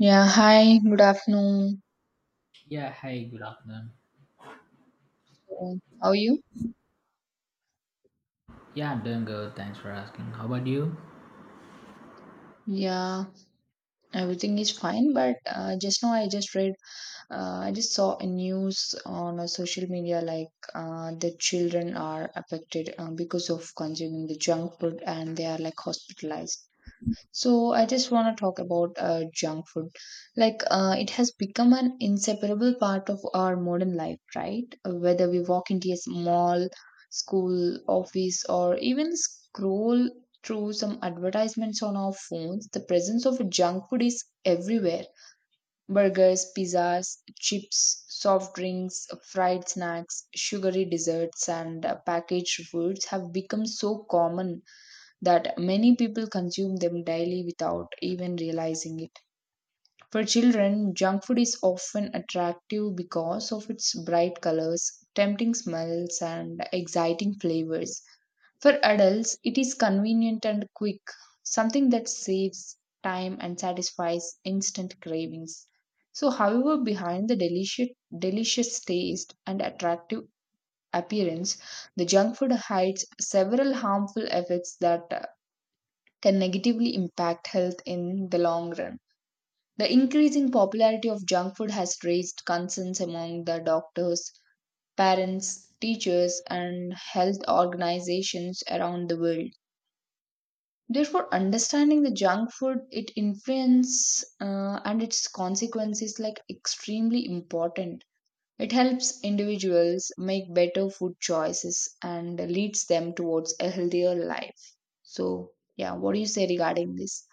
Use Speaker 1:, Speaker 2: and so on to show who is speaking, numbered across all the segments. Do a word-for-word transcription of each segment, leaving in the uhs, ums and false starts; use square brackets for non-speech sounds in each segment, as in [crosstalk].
Speaker 1: Yeah, hi, good afternoon.
Speaker 2: Yeah, hi, good afternoon.
Speaker 1: So, how are you?
Speaker 2: Yeah, I'm doing good. Thanks for asking. How about you?
Speaker 1: Yeah, everything is fine, but uh, just now I just read, uh, I just saw a news on a social media like uh, the children are affected uh, because of consuming the junk food and they are like hospitalized. So I just want to talk about uh, junk food. Like uh, it has become an inseparable part of our modern life, right? Whether we walk into a mall, school, office, or even scroll through some advertisements on our phones, the presence of junk food is everywhere. Burgers, pizzas, chips, soft drinks, fried snacks, sugary desserts, and uh, packaged foods have become so common that many people consume them daily without even realizing it. For children, junk food is often attractive because of its bright colors, tempting smells, and exciting flavors. For adults, it is convenient and quick, something that saves time and satisfies instant cravings. So, however, behind the delicious, delicious taste and attractive appearance, the junk food hides several harmful effects that can negatively impact health in the long run. The increasing popularity of junk food has raised concerns among the doctors, parents, teachers, and health organizations around the world. Therefore, understanding the junk food, its influence, uh, and its consequences like extremely important. It helps individuals make better food choices and leads them towards a healthier life. So, yeah, what do you say regarding this?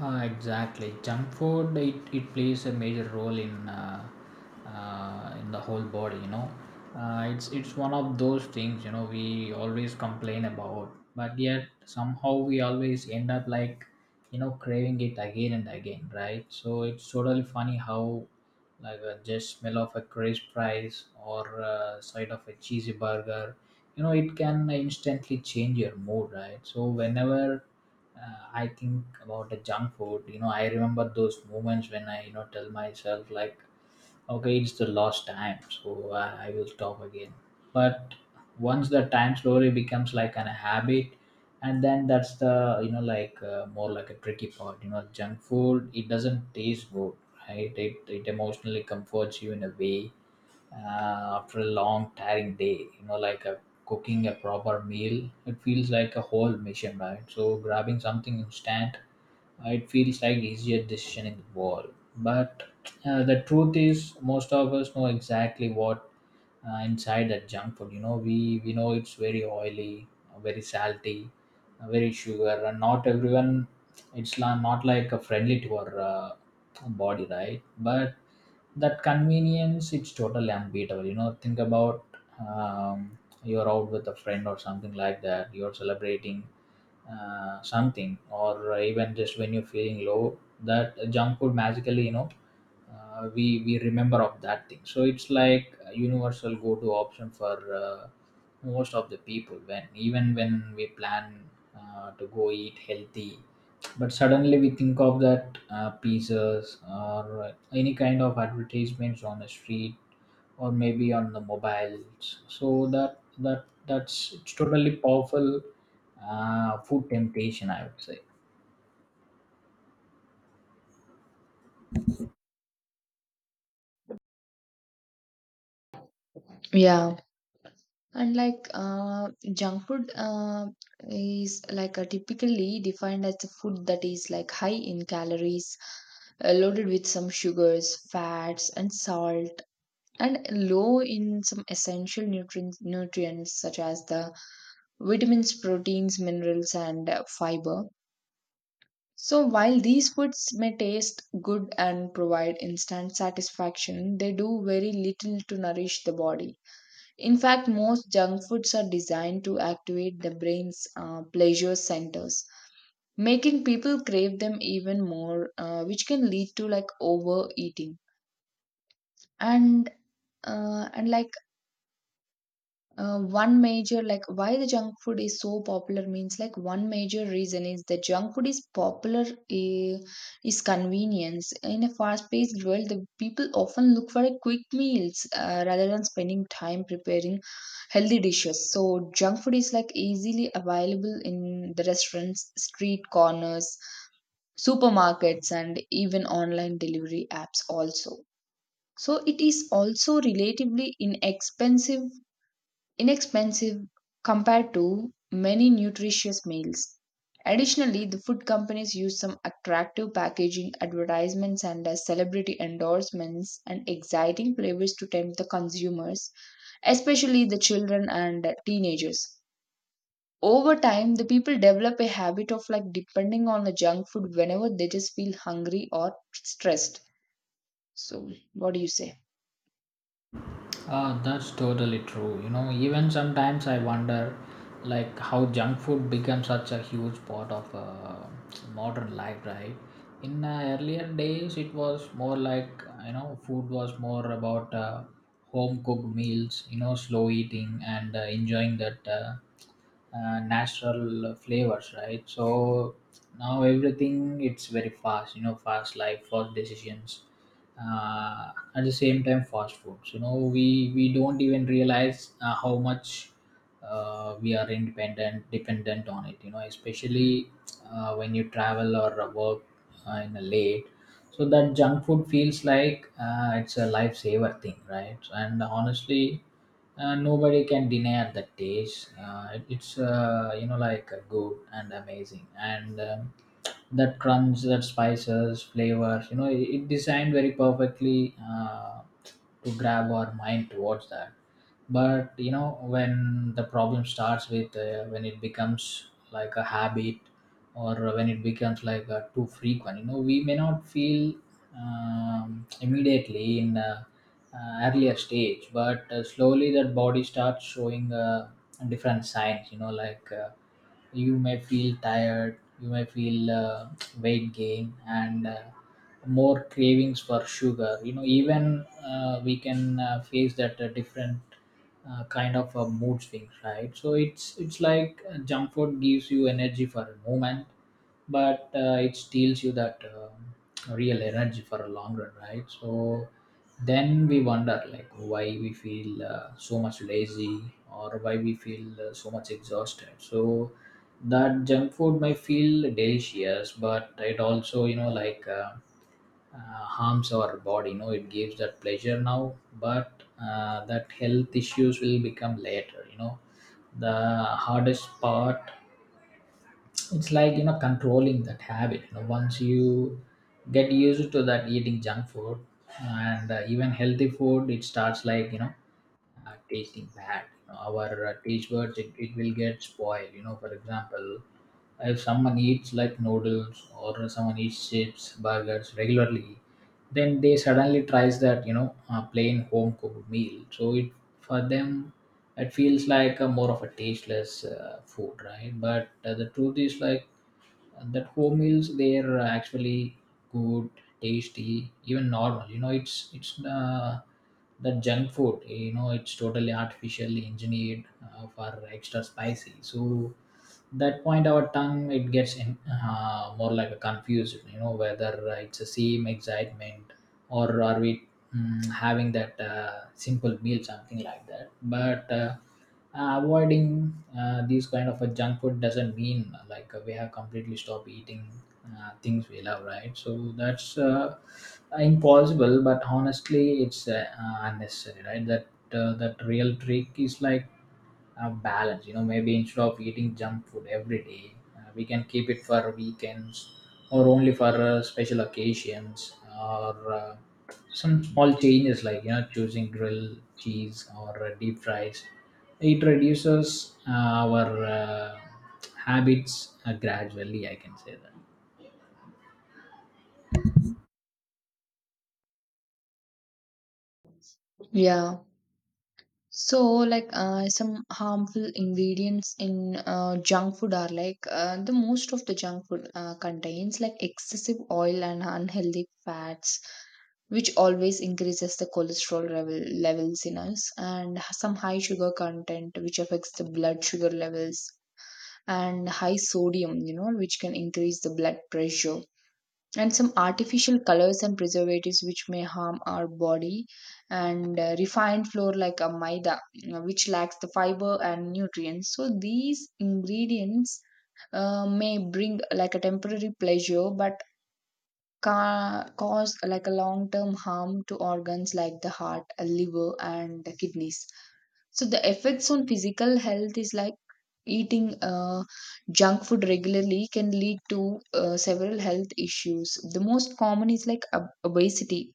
Speaker 2: Uh, exactly. Junk food it, it plays a major role in uh, uh, in the whole body. You know, uh, it's it's one of those things, you know, we always complain about, but yet somehow we always end up like, you know, craving it again and again, right? So it's totally funny how, like uh, just smell of a crisp fries or uh, side of a cheesy burger, you know, it can instantly change your mood, right? So whenever uh, I think about the junk food. You know, I remember those moments when I, you know, tell myself like, okay, it's the last time, so I, I will stop again. But once the time slowly becomes like an habit, and then that's the, you know, like uh, more like a tricky part. You know, junk food it doesn't taste good, right? It it emotionally comforts you in a way. Uh, After a long tiring day, you know, like a, cooking a proper meal it feels like a whole mission, right? So grabbing something instant, uh, it feels like easier decision in the world. But uh, the truth is most of us know exactly what uh, inside that junk food. You know, we we know it's very oily, uh, very salty, uh, very sugar, and not everyone, it's la- not like a friendly to our uh, body, right? But that convenience, it's totally unbeatable. You know, think about, um, you're out with a friend or something like that, you're celebrating uh, something, or even just when you're feeling low, that junk food magically, you know, uh, we we remember of that thing. So it's like a universal go-to option for uh, most of the people. When even when we plan uh, to go eat healthy, but suddenly we think of that uh, pizzas or any kind of advertisements on the street, or maybe on the mobiles. So that that that's it's totally powerful uh, food temptation, I would say.
Speaker 1: Yeah. And like uh, junk food uh, is like a typically defined as a food that is like high in calories, uh, loaded with some sugars, fats, and salt, and low in some essential nutrients, nutrients such as the vitamins, proteins, minerals, and uh, fiber. So while these foods may taste good and provide instant satisfaction, they do very little to nourish the body. In fact, most junk foods are designed to activate the brain's uh, pleasure centers, making people crave them even more, uh, which can lead to like overeating. And uh, and like Uh, one major like why the junk food is so popular means like one major reason is that junk food is popular, eh, is convenience. In a fast-paced world, the people often look for a quick meals uh, rather than spending time preparing healthy dishes, so junk food is like easily available in the restaurants, street corners, supermarkets, and even online delivery apps also. So it is also relatively inexpensive inexpensive compared to many nutritious meals. Additionally, the food companies use some attractive packaging, advertisements, and uh, celebrity endorsements and exciting flavors to tempt the consumers, especially the children and uh, teenagers. Over time, the people develop a habit of like depending on the junk food whenever they just feel hungry or stressed. So, what do you say?
Speaker 2: Ah, that's totally true. You know, even sometimes I wonder, like, how junk food becomes such a huge part of uh, modern life, right? In uh, earlier days, it was more like, you know, food was more about uh, home cooked meals, you know, slow eating and uh, enjoying that. Uh, uh, natural flavors, right? So now everything it's very fast, you know, fast life, fast decisions, uh, at the same time fast foods. You know, we we don't even realize uh, how much uh, we are independent dependent on it. You know, especially uh, when you travel or work uh, in a late, so that junk food feels like uh, it's a lifesaver thing, right? And honestly, uh, nobody can deny at that age. Uh, it- it's uh, you know, like uh, good and amazing, and um, that crunch, that spices, flavors. You know, it, it designed very perfectly uh, to grab our mind towards that. But you know, when the problem starts with uh, when it becomes like a habit, or when it becomes like uh, too frequent. You know, we may not feel um, immediately in uh, uh, earlier stage, but uh, slowly that body starts showing uh, different signs. You know, like uh, you may feel tired, you may feel uh, weight gain and uh, more cravings for sugar. You know, even uh, we can uh, face that uh, different uh, kind of a mood swings, right? So it's it's like uh, junk food gives you energy for a moment, but uh, it steals you that um real energy for a long run, right? So then we wonder like why we feel uh, so much lazy, or why we feel uh, so much exhausted. So that junk food may feel delicious, but it also, you know, like uh, uh, harms our body. You know, it gives that pleasure now, but uh, that health issues will become later. You know, the hardest part, it's like, you know, controlling that habit. You know, once you get used to that eating junk food, and uh, even healthy food it starts like, you know, uh, tasting bad. You know, our uh, taste buds it, it will get spoiled. You know, for example, if someone eats like noodles, or someone eats chips, burgers regularly, then they suddenly tries that, you know, uh, plain home cooked meal. So it, for them, it feels like a more of a tasteless uh, food, right? But uh, the truth is like that home meals, they are actually good, tasty, even normal. You know, it's it's uh, the junk food, you know, it's totally artificially engineered uh, for extra spicy. So that point our tongue it gets in, uh, more like a confused. You know, whether uh, it's the same excitement, or are we, mm, having that uh, simple meal, something like that. But uh, uh, avoiding uh, these kind of a junk food doesn't mean uh, like uh, we have completely stopped eating uh, things we love, right? So that's uh, impossible. But honestly it's uh, uh, unnecessary, right? That uh, that real trick is like uh, balance. You know, maybe instead of eating junk food every day, uh, we can keep it for weekends, or only for uh, special occasions, or uh, some small changes like, you know, choosing grilled cheese or uh, deep fries, it reduces uh, our uh, habits uh, gradually, I can say that.
Speaker 1: Yeah. So, like uh, some harmful ingredients in uh, junk food are like uh, the most of the junk food uh, contains like excessive oil and unhealthy fats, which always increases the cholesterol level, levels in us, and some high sugar content, which affects the blood sugar levels, and high sodium, you know, which can increase the blood pressure, and some artificial colors and preservatives which may harm our body, and uh, refined flour like a maida, you know, which lacks the fiber and nutrients. So these ingredients uh, may bring like a temporary pleasure, but ca- cause like a long term harm to organs like the heart, liver, and the kidneys. So the effects on physical health is like eating uh, junk food regularly can lead to uh, several health issues. The most common is like ob- obesity,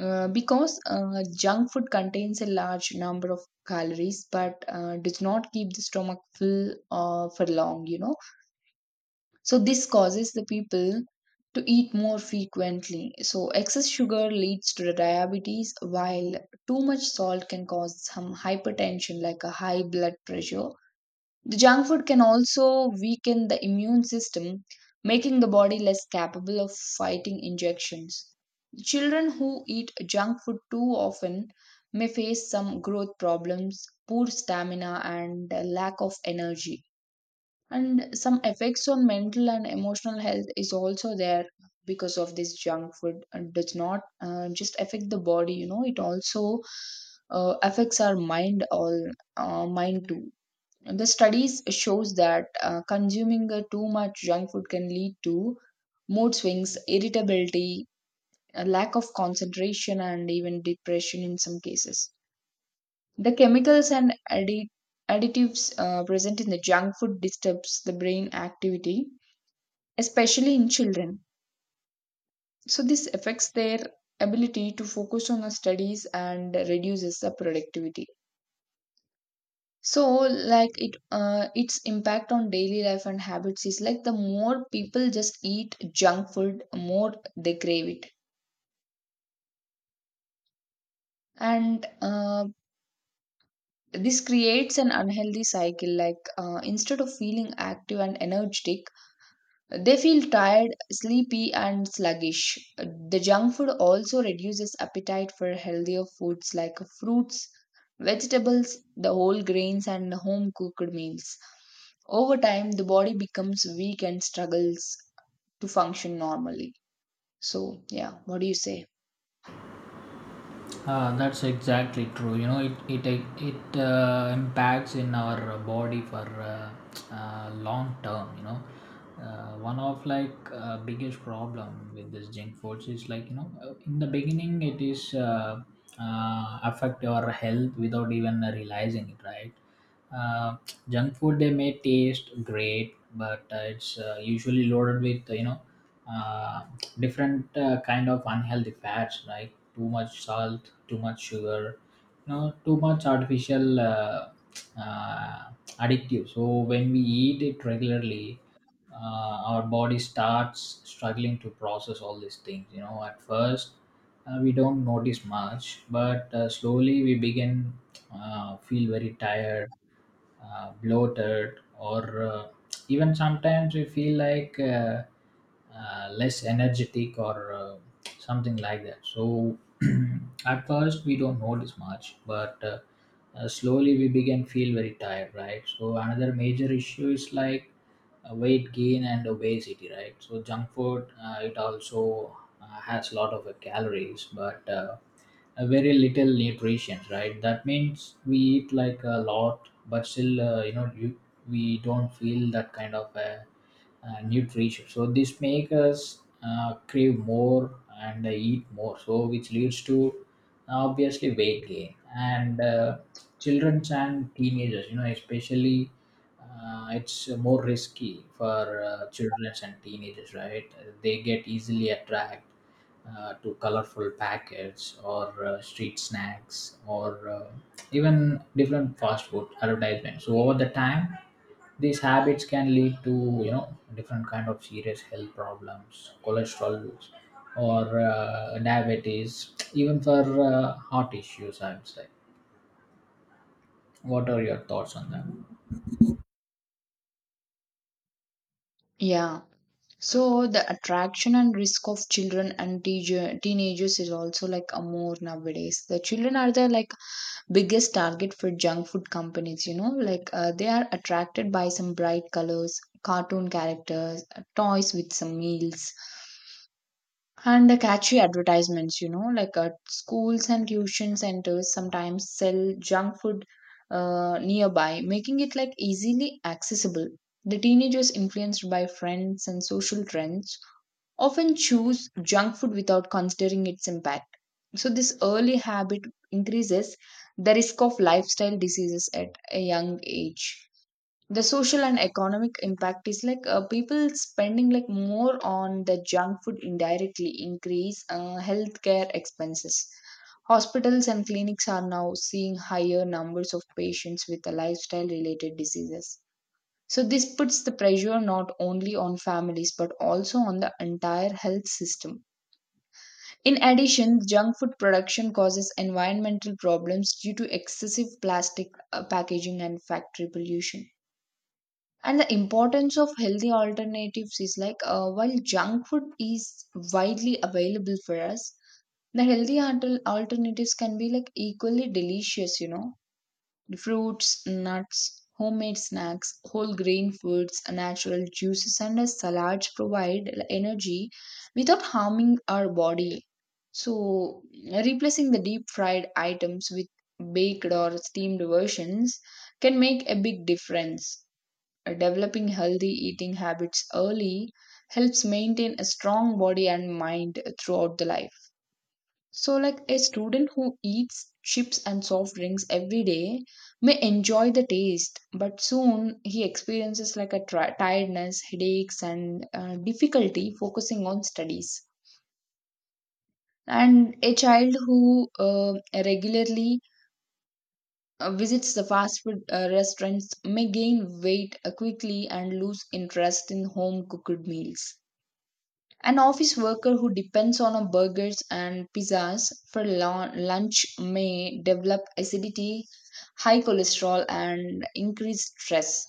Speaker 1: uh, because uh, junk food contains a large number of calories but uh, does not keep the stomach full uh, for long, you know, so this causes the people to eat more frequently. So excess sugar leads to the diabetes, while too much salt can cause some hypertension like a high blood pressure. The junk food can also weaken the immune system, making the body less capable of fighting injections. Children who eat junk food too often may face some growth problems, poor stamina, and a lack of energy. And some effects on mental and emotional health is also there because of this junk food, and does not uh, just affect the body, you know. It also uh, affects our mind all uh, mind too. And the studies shows that uh, consuming uh, too much junk food can lead to mood swings, irritability, a lack of concentration, and even depression in some cases. The chemicals and addi- additives uh, present in the junk food disturbs the brain activity, especially in children. So, this affects their ability to focus on the studies and reduces the productivity. So, like it, uh, its impact on daily life and habits is like the more people just eat junk food, more they crave it, and uh, this creates an unhealthy cycle. Like uh, instead of feeling active and energetic, they feel tired, sleepy, and sluggish. The junk food also reduces appetite for healthier foods like fruits, vegetables, the whole grains, and home cooked meals. Over time, the body becomes weak and struggles to function normally. So, yeah, what do you say?
Speaker 2: Uh, that's exactly true. You know, it it it uh, impacts in our body for uh, uh, long term. You know, uh, one of like uh, biggest problem with this junk foods is like, you know, uh, in the beginning it is uh, uh, affect your health without even realizing it, right? Uh, Junk food they may taste great, but uh, it's uh, usually loaded with, you know, uh, different uh, kind of unhealthy fats, right? Too much salt, too much sugar, you know, too much artificial uh, uh, addictive. So when we eat it regularly, uh, our body starts struggling to process all these things. You know, at first uh, we don't notice much, but uh, slowly we begin uh, feel very tired, uh, bloated, or uh, even sometimes we feel like uh, uh, less energetic, or uh, something like that. So [clears throat] at first we don't notice much, but uh, uh, slowly we begin feel very tired, right? So another major issue is like uh, weight gain and obesity, right? So junk food uh, it also uh, has a lot of uh, calories, but uh, uh, very little nutrition, right? That means we eat like a lot, but still, uh, you know, you, we don't feel that kind of uh, uh, nutrition. So this makes us uh, crave more and uh, eat more, so which leads to obviously weight gain. And uh, children and teenagers, you know, especially uh, it's more risky for uh, children and teenagers, right? They get easily attracted uh, to colorful packets, or uh, street snacks, or uh, even different fast food advertisements. So over the time, these habits can lead to, you know, different kind of serious health problems, cholesterol, or uh, diabetes, even for uh, heart issues, I would say. What are your thoughts on that?
Speaker 1: Yeah. So the attraction and risk of children and teacher, teenagers is also like a more nowadays. The children are the like biggest target for junk food companies, you know. Like uh, they are attracted by some bright colors, cartoon characters, uh, toys with some meals, and the catchy advertisements. You know, like uh, schools and tuition centers sometimes sell junk food uh, nearby, making it like easily accessible. The teenagers, influenced by friends and social trends, often choose junk food without considering its impact. So this early habit increases the risk of lifestyle diseases at a young age. The social and economic impact is like uh, people spending like more on the junk food indirectly increase uh, healthcare expenses. Hospitals and clinics are now seeing higher numbers of patients with the lifestyle related diseases. So this puts the pressure not only on families but also on the entire health system. In addition, junk food production causes environmental problems due to excessive plastic uh, packaging and factory pollution. And the importance of healthy alternatives is like uh, while junk food is widely available for us, the healthy alter- alternatives can be like equally delicious, you know. Fruits, nuts, homemade snacks, whole grain foods, natural juices, and salads provide energy without harming our body. So, replacing the deep fried items with baked or steamed versions can make a big difference. Developing healthy eating habits early helps maintain a strong body and mind throughout the life. So, like a student who eats chips and soft drinks every day may enjoy the taste, but soon he experiences like a tri- tiredness, headaches, and uh, difficulty focusing on studies. And a child who uh, regularly uh, visits the fast food uh, restaurants may gain weight uh, quickly and lose interest in home cooked meals. An office worker who depends on a burgers and pizzas for lun- lunch may develop acidity, high cholesterol, and increased stress.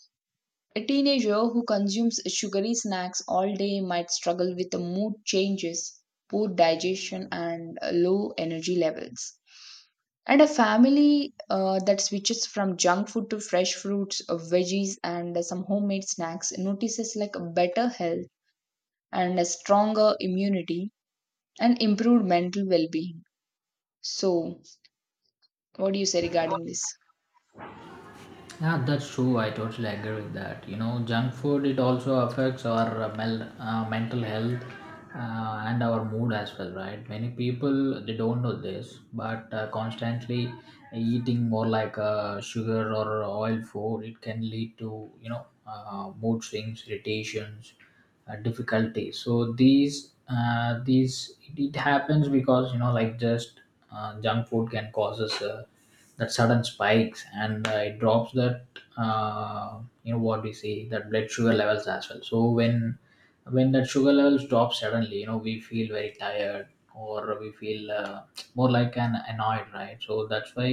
Speaker 1: A teenager who consumes sugary snacks all day might struggle with the mood changes, poor digestion, and uh, low energy levels. And a family uh, that switches from junk food to fresh fruits, uh, veggies, and uh, some homemade snacks notices like a better health and a stronger immunity and improved mental well being. So, what do you say regarding this?
Speaker 2: Yeah, that's true. I totally agree with that. You know, junk food it also affects our uh, mel- uh, mental health uh, and our mood as well, right? Many people they don't know this, but uh, constantly eating more like uh, sugar or oil food, it can lead to, you know, uh, mood swings, irritations, uh, difficulties. So these uh, these it, it happens because, you know, like just uh, junk food can causes. Uh, that sudden spikes and uh, it drops that uh, you know what we see that blood sugar levels as well, so when when that sugar levels drop suddenly, you know, we feel very tired or we feel uh, more like an annoyed, right? So that's why,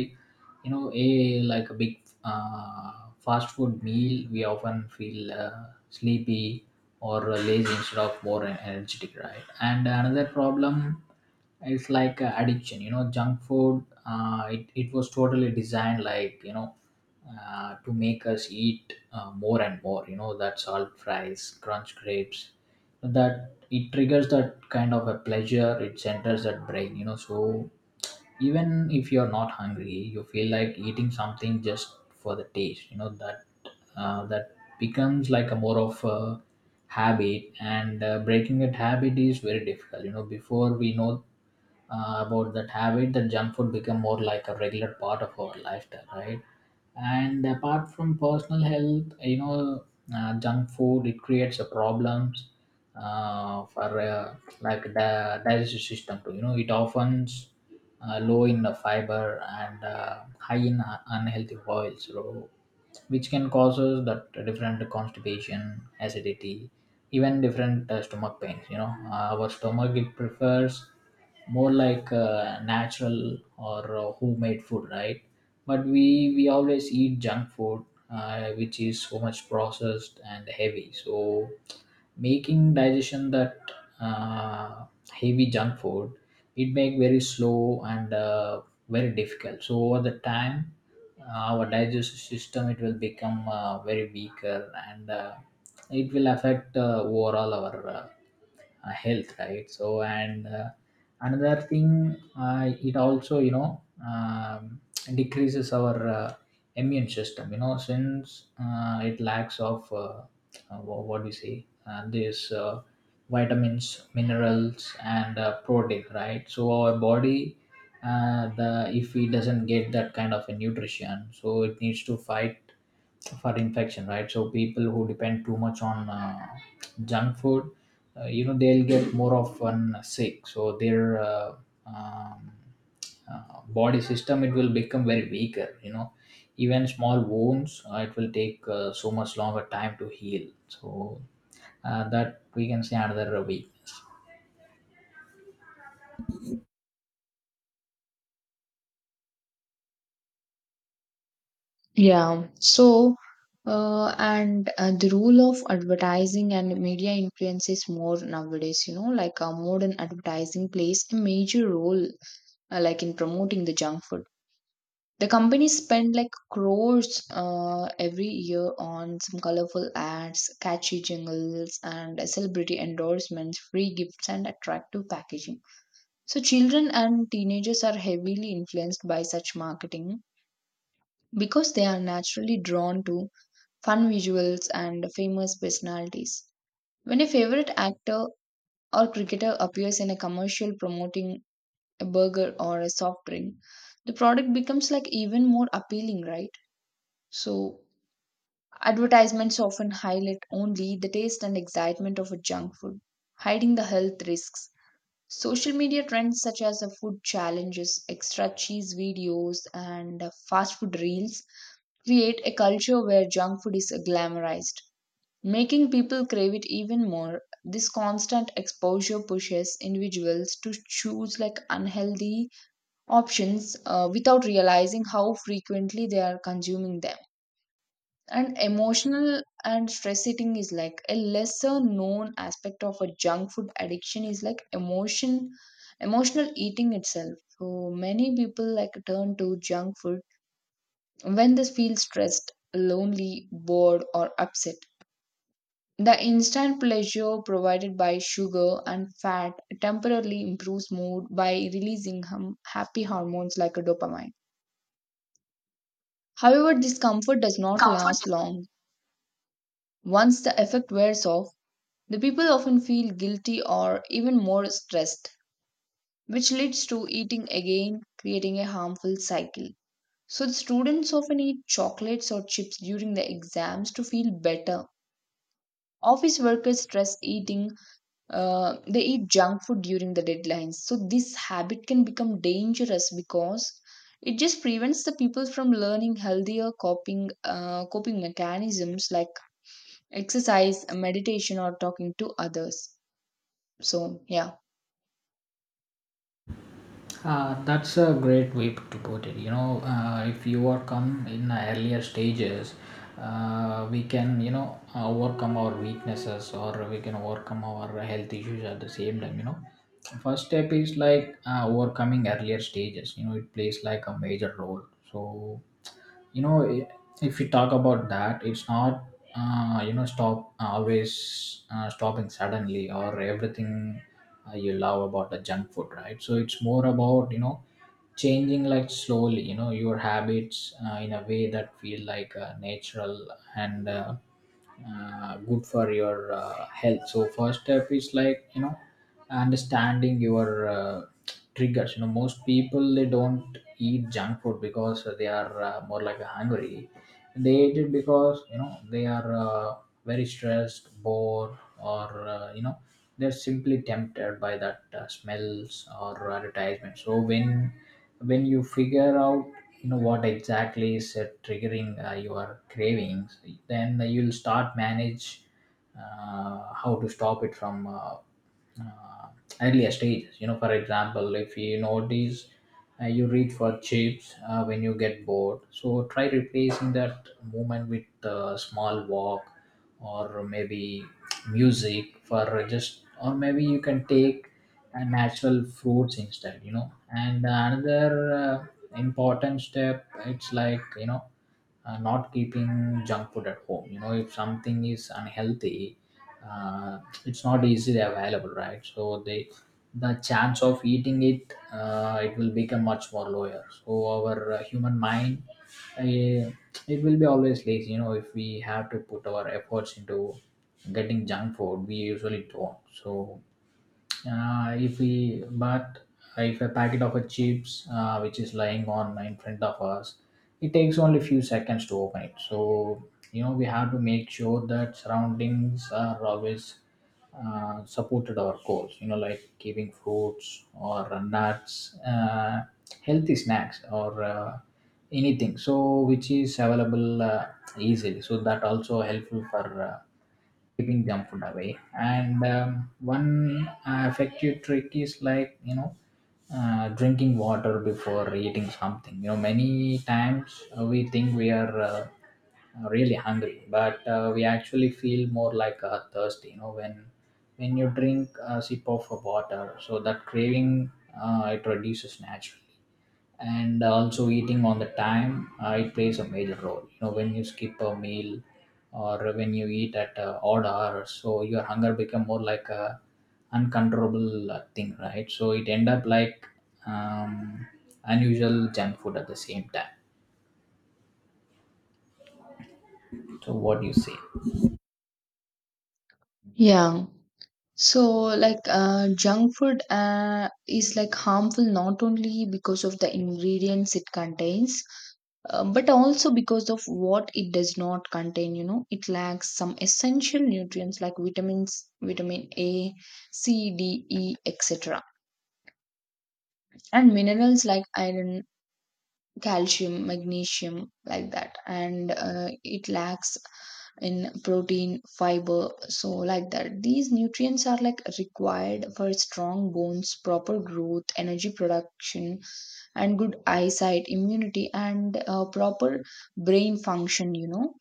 Speaker 2: you know, a like a big uh, fast food meal we often feel uh, sleepy or lazy instead of more energetic, right? And another problem is like uh, addiction. You know, junk food uh, it, it was totally designed like, you know, uh, to make us eat uh, more and more, you know, that salt fries crunch grapes that it triggers that kind of a pleasure it centers that brain, you know. So even if you're not hungry you feel like eating something just for the taste, you know that uh, that becomes like a more of a habit. And uh, breaking that habit is very difficult. You know, before we know uh, about that habit, that junk food become more like a regular part of our lifestyle, right? And apart from personal health, you know, uh, junk food it creates a problems uh, for uh, like the digestive system too. You know, it often uh, low in the fiber and uh, high in uh, unhealthy oils, so which can cause us that different constipation, acidity, even different uh, stomach pains. You know, uh, our stomach it prefers more like uh, natural or uh, homemade food, right? But we we always eat junk food, uh, which is so much processed and heavy. So making digestion that uh, heavy junk food it make very slow and uh, very difficult. So over the time our digestive system it will become uh, very weaker and uh, it will affect uh, overall our uh, uh, health, right? So and uh, another thing, uh, it also, you know, um, decreases our uh, immune system. You know, since uh, it lacks of uh, uh, wha- what do you say, uh, this uh, vitamins, minerals and uh, protein, right? So our body uh, the if it doesn't get that kind of a nutrition, so it needs to fight for infection, right? So people who depend too much on uh, junk food, uh, you know, they'll get more often sick. So their uh, um, uh, body system it will become very weaker. You know, even small wounds uh, it will take uh, so much longer time to heal. So uh, that we can say another week.
Speaker 1: Yeah. So, uh, and uh, the role of advertising and media influence is more nowadays, you know. Like uh, modern advertising plays a major role, uh, like in promoting the junk food. The companies spend like crores uh, every year on some colorful ads, catchy jingles, and uh, celebrity endorsements, free gifts, and attractive packaging. So, children and teenagers are heavily influenced by such marketing because they are naturally drawn to fun visuals and famous personalities. When a favorite actor or cricketer appears in a commercial promoting a burger or a soft drink, the product becomes like even more appealing, right? So, advertisements often highlight only the taste and excitement of a junk food, hiding the health risks. Social media trends such as the food challenges, extra cheese videos, and uh, fast food reels create a culture where junk food is glamorized, making people crave it even more. This constant exposure pushes individuals to choose like unhealthy options uh, without realizing how frequently they are consuming them. And emotional and stress eating is like a lesser known aspect of a junk food addiction is like emotion emotional eating itself. So many people like turn to junk food when they feel stressed, lonely, bored, or upset. The instant pleasure provided by sugar and fat temporarily improves mood by releasing hum- happy hormones like a dopamine. However, this comfort does not last long. Once the effect wears off, the people often feel guilty or even more stressed, which leads to eating again, creating a harmful cycle. So, the students often eat chocolates or chips during the exams to feel better. Office workers stress eating, uh, they eat junk food during the deadlines. So, this habit can become dangerous because it just prevents the people from learning healthier coping, uh, coping mechanisms like exercise, meditation, or talking to others. So, yeah.
Speaker 2: Uh, that's a great way to put it. You know, uh, if you are come in the earlier stages, uh, we can, you know, overcome our weaknesses or we can overcome our health issues at the same time. You know, first step is like uh, overcoming earlier stages, you know, it plays like a major role. So you know i- if you talk about that, it's not uh, you know stop always uh, stopping suddenly or everything uh, you love about the junk food, right? So it's more about, you know, changing like slowly, you know, your habits uh, in a way that feel like uh, natural and uh, uh, good for your uh, health. So first step is like, you know, understanding your uh, triggers. You know, most people they don't eat junk food because they are uh, more like hungry. They eat it because, you know, they are uh, very stressed, bored, or uh, you know, they're simply tempted by that uh, smells or advertisement. So when when you figure out, you know, what exactly is uh, triggering uh, your cravings, then you'll start manage uh, how to stop it from uh, uh, earlier stages. You know, for example, if you notice uh, you read for chips uh, when you get bored, so try replacing that movement with a small walk or maybe music for just, or maybe you can take uh, natural fruits instead. You know, and another uh, important step it's like, you know, uh, not keeping junk food at home. You know, if something is unhealthy, uh, it's not easily available, right? So they the chance of eating it uh, it will become much more lower. So our uh, human mind, uh, it will be always lazy. You know, if we have to put our efforts into getting junk food, we usually don't. So uh, if we but if a packet of a chips, uh, which is lying on in front of us, it takes only few seconds to open it. So you know we have to make sure that surroundings are always uh, supported our goals. You know, like giving fruits or nuts, uh, healthy snacks or uh, anything. So which is available uh, easily. So that also helpful for. Uh, keeping junk food away. And um, one uh, effective trick is like, you know, uh, drinking water before eating something. You know, many times uh, we think we are uh, really hungry, but uh, we actually feel more like uh, thirsty. You know, when when you drink a sip of water, so that craving uh, it reduces naturally. And also eating on the time uh, it plays a major role. You know, when you skip a meal or when you eat at uh, odd hours, so your hunger become more like a uncontrollable uh, thing, right? So it end up like um, unusual junk food at the same time. So what do you say?
Speaker 1: Yeah. So, like, uh, junk food uh, is like harmful not only because of the ingredients it contains, uh, but also because of what it does not contain. You know, it lacks some essential nutrients like vitamins, vitamin A, C, D, E, et cetera, and minerals like iron, calcium, magnesium, like that. And uh, it lacks in protein, fiber, so like that. These nutrients are like required for strong bones, proper growth, energy production, and good eyesight, immunity, and uh, proper brain function, you know.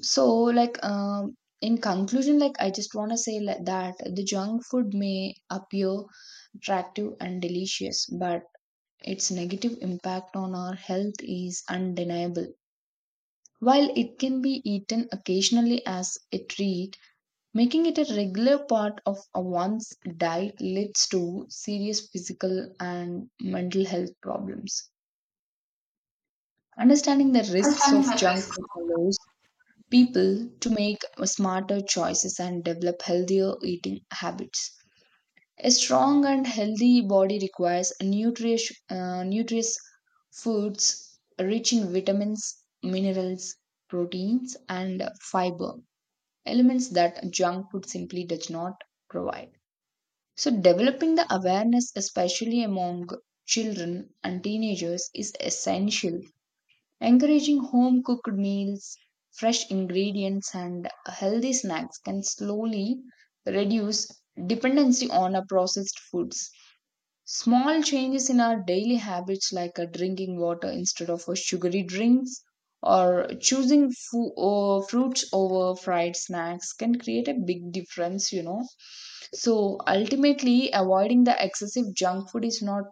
Speaker 1: So, like, um, in conclusion, like, I just want to say like that the junk food may appear attractive and delicious, but its negative impact on our health is undeniable. While it can be eaten occasionally as a treat, making it a regular part of a one's diet leads to serious physical and mental health problems. Understanding the risks of junk food allows people to make smarter choices and develop healthier eating habits. A strong and healthy body requires nutritious, uh, nutritious foods rich in vitamins, minerals, proteins, and fiber elements that junk food simply does not provide. So, developing the awareness, especially among children and teenagers, is essential. Encouraging home cooked meals, fresh ingredients, and healthy snacks can slowly reduce dependency on a processed foods. Small changes in our daily habits, like uh, drinking water instead of uh, sugary drinks or choosing fu- uh, fruits over fried snacks, can create a big difference, you know. So ultimately, avoiding the excessive junk food is not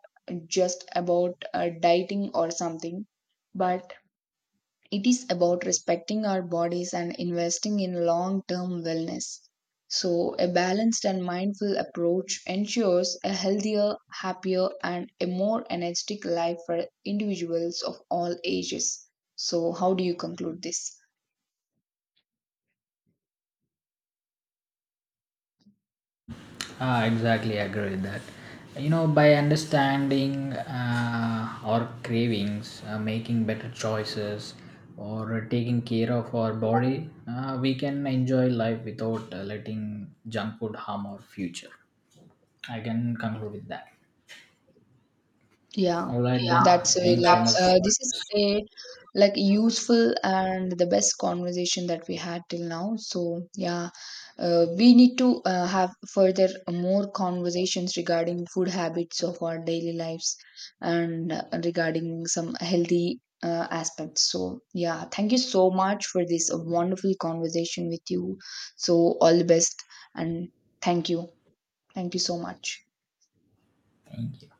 Speaker 1: just about uh, dieting or something, but it is about respecting our bodies and investing in long term wellness. So, a balanced and mindful approach ensures a healthier, happier, and a more energetic life for individuals of all ages. So, how do you conclude this?
Speaker 2: Ah, exactly, I agree with that. You know, by understanding uh, our cravings, uh, making better choices, or taking care of our body, uh, we can enjoy life without uh, letting junk food harm our future. I can conclude with that.
Speaker 1: Yeah,
Speaker 2: All right. Yeah,
Speaker 1: that's a,
Speaker 2: then. Thanks so
Speaker 1: like
Speaker 2: much.
Speaker 1: uh, this is
Speaker 2: Absolutely.
Speaker 1: a like useful and the best conversation that we had till now. So yeah, uh, we need to uh, have further more conversations regarding food habits of our daily lives and uh, regarding some healthy uh, aspects. So yeah, thank you so much for this wonderful conversation with you. So all the best and thank you. Thank you so much.
Speaker 2: Thank you.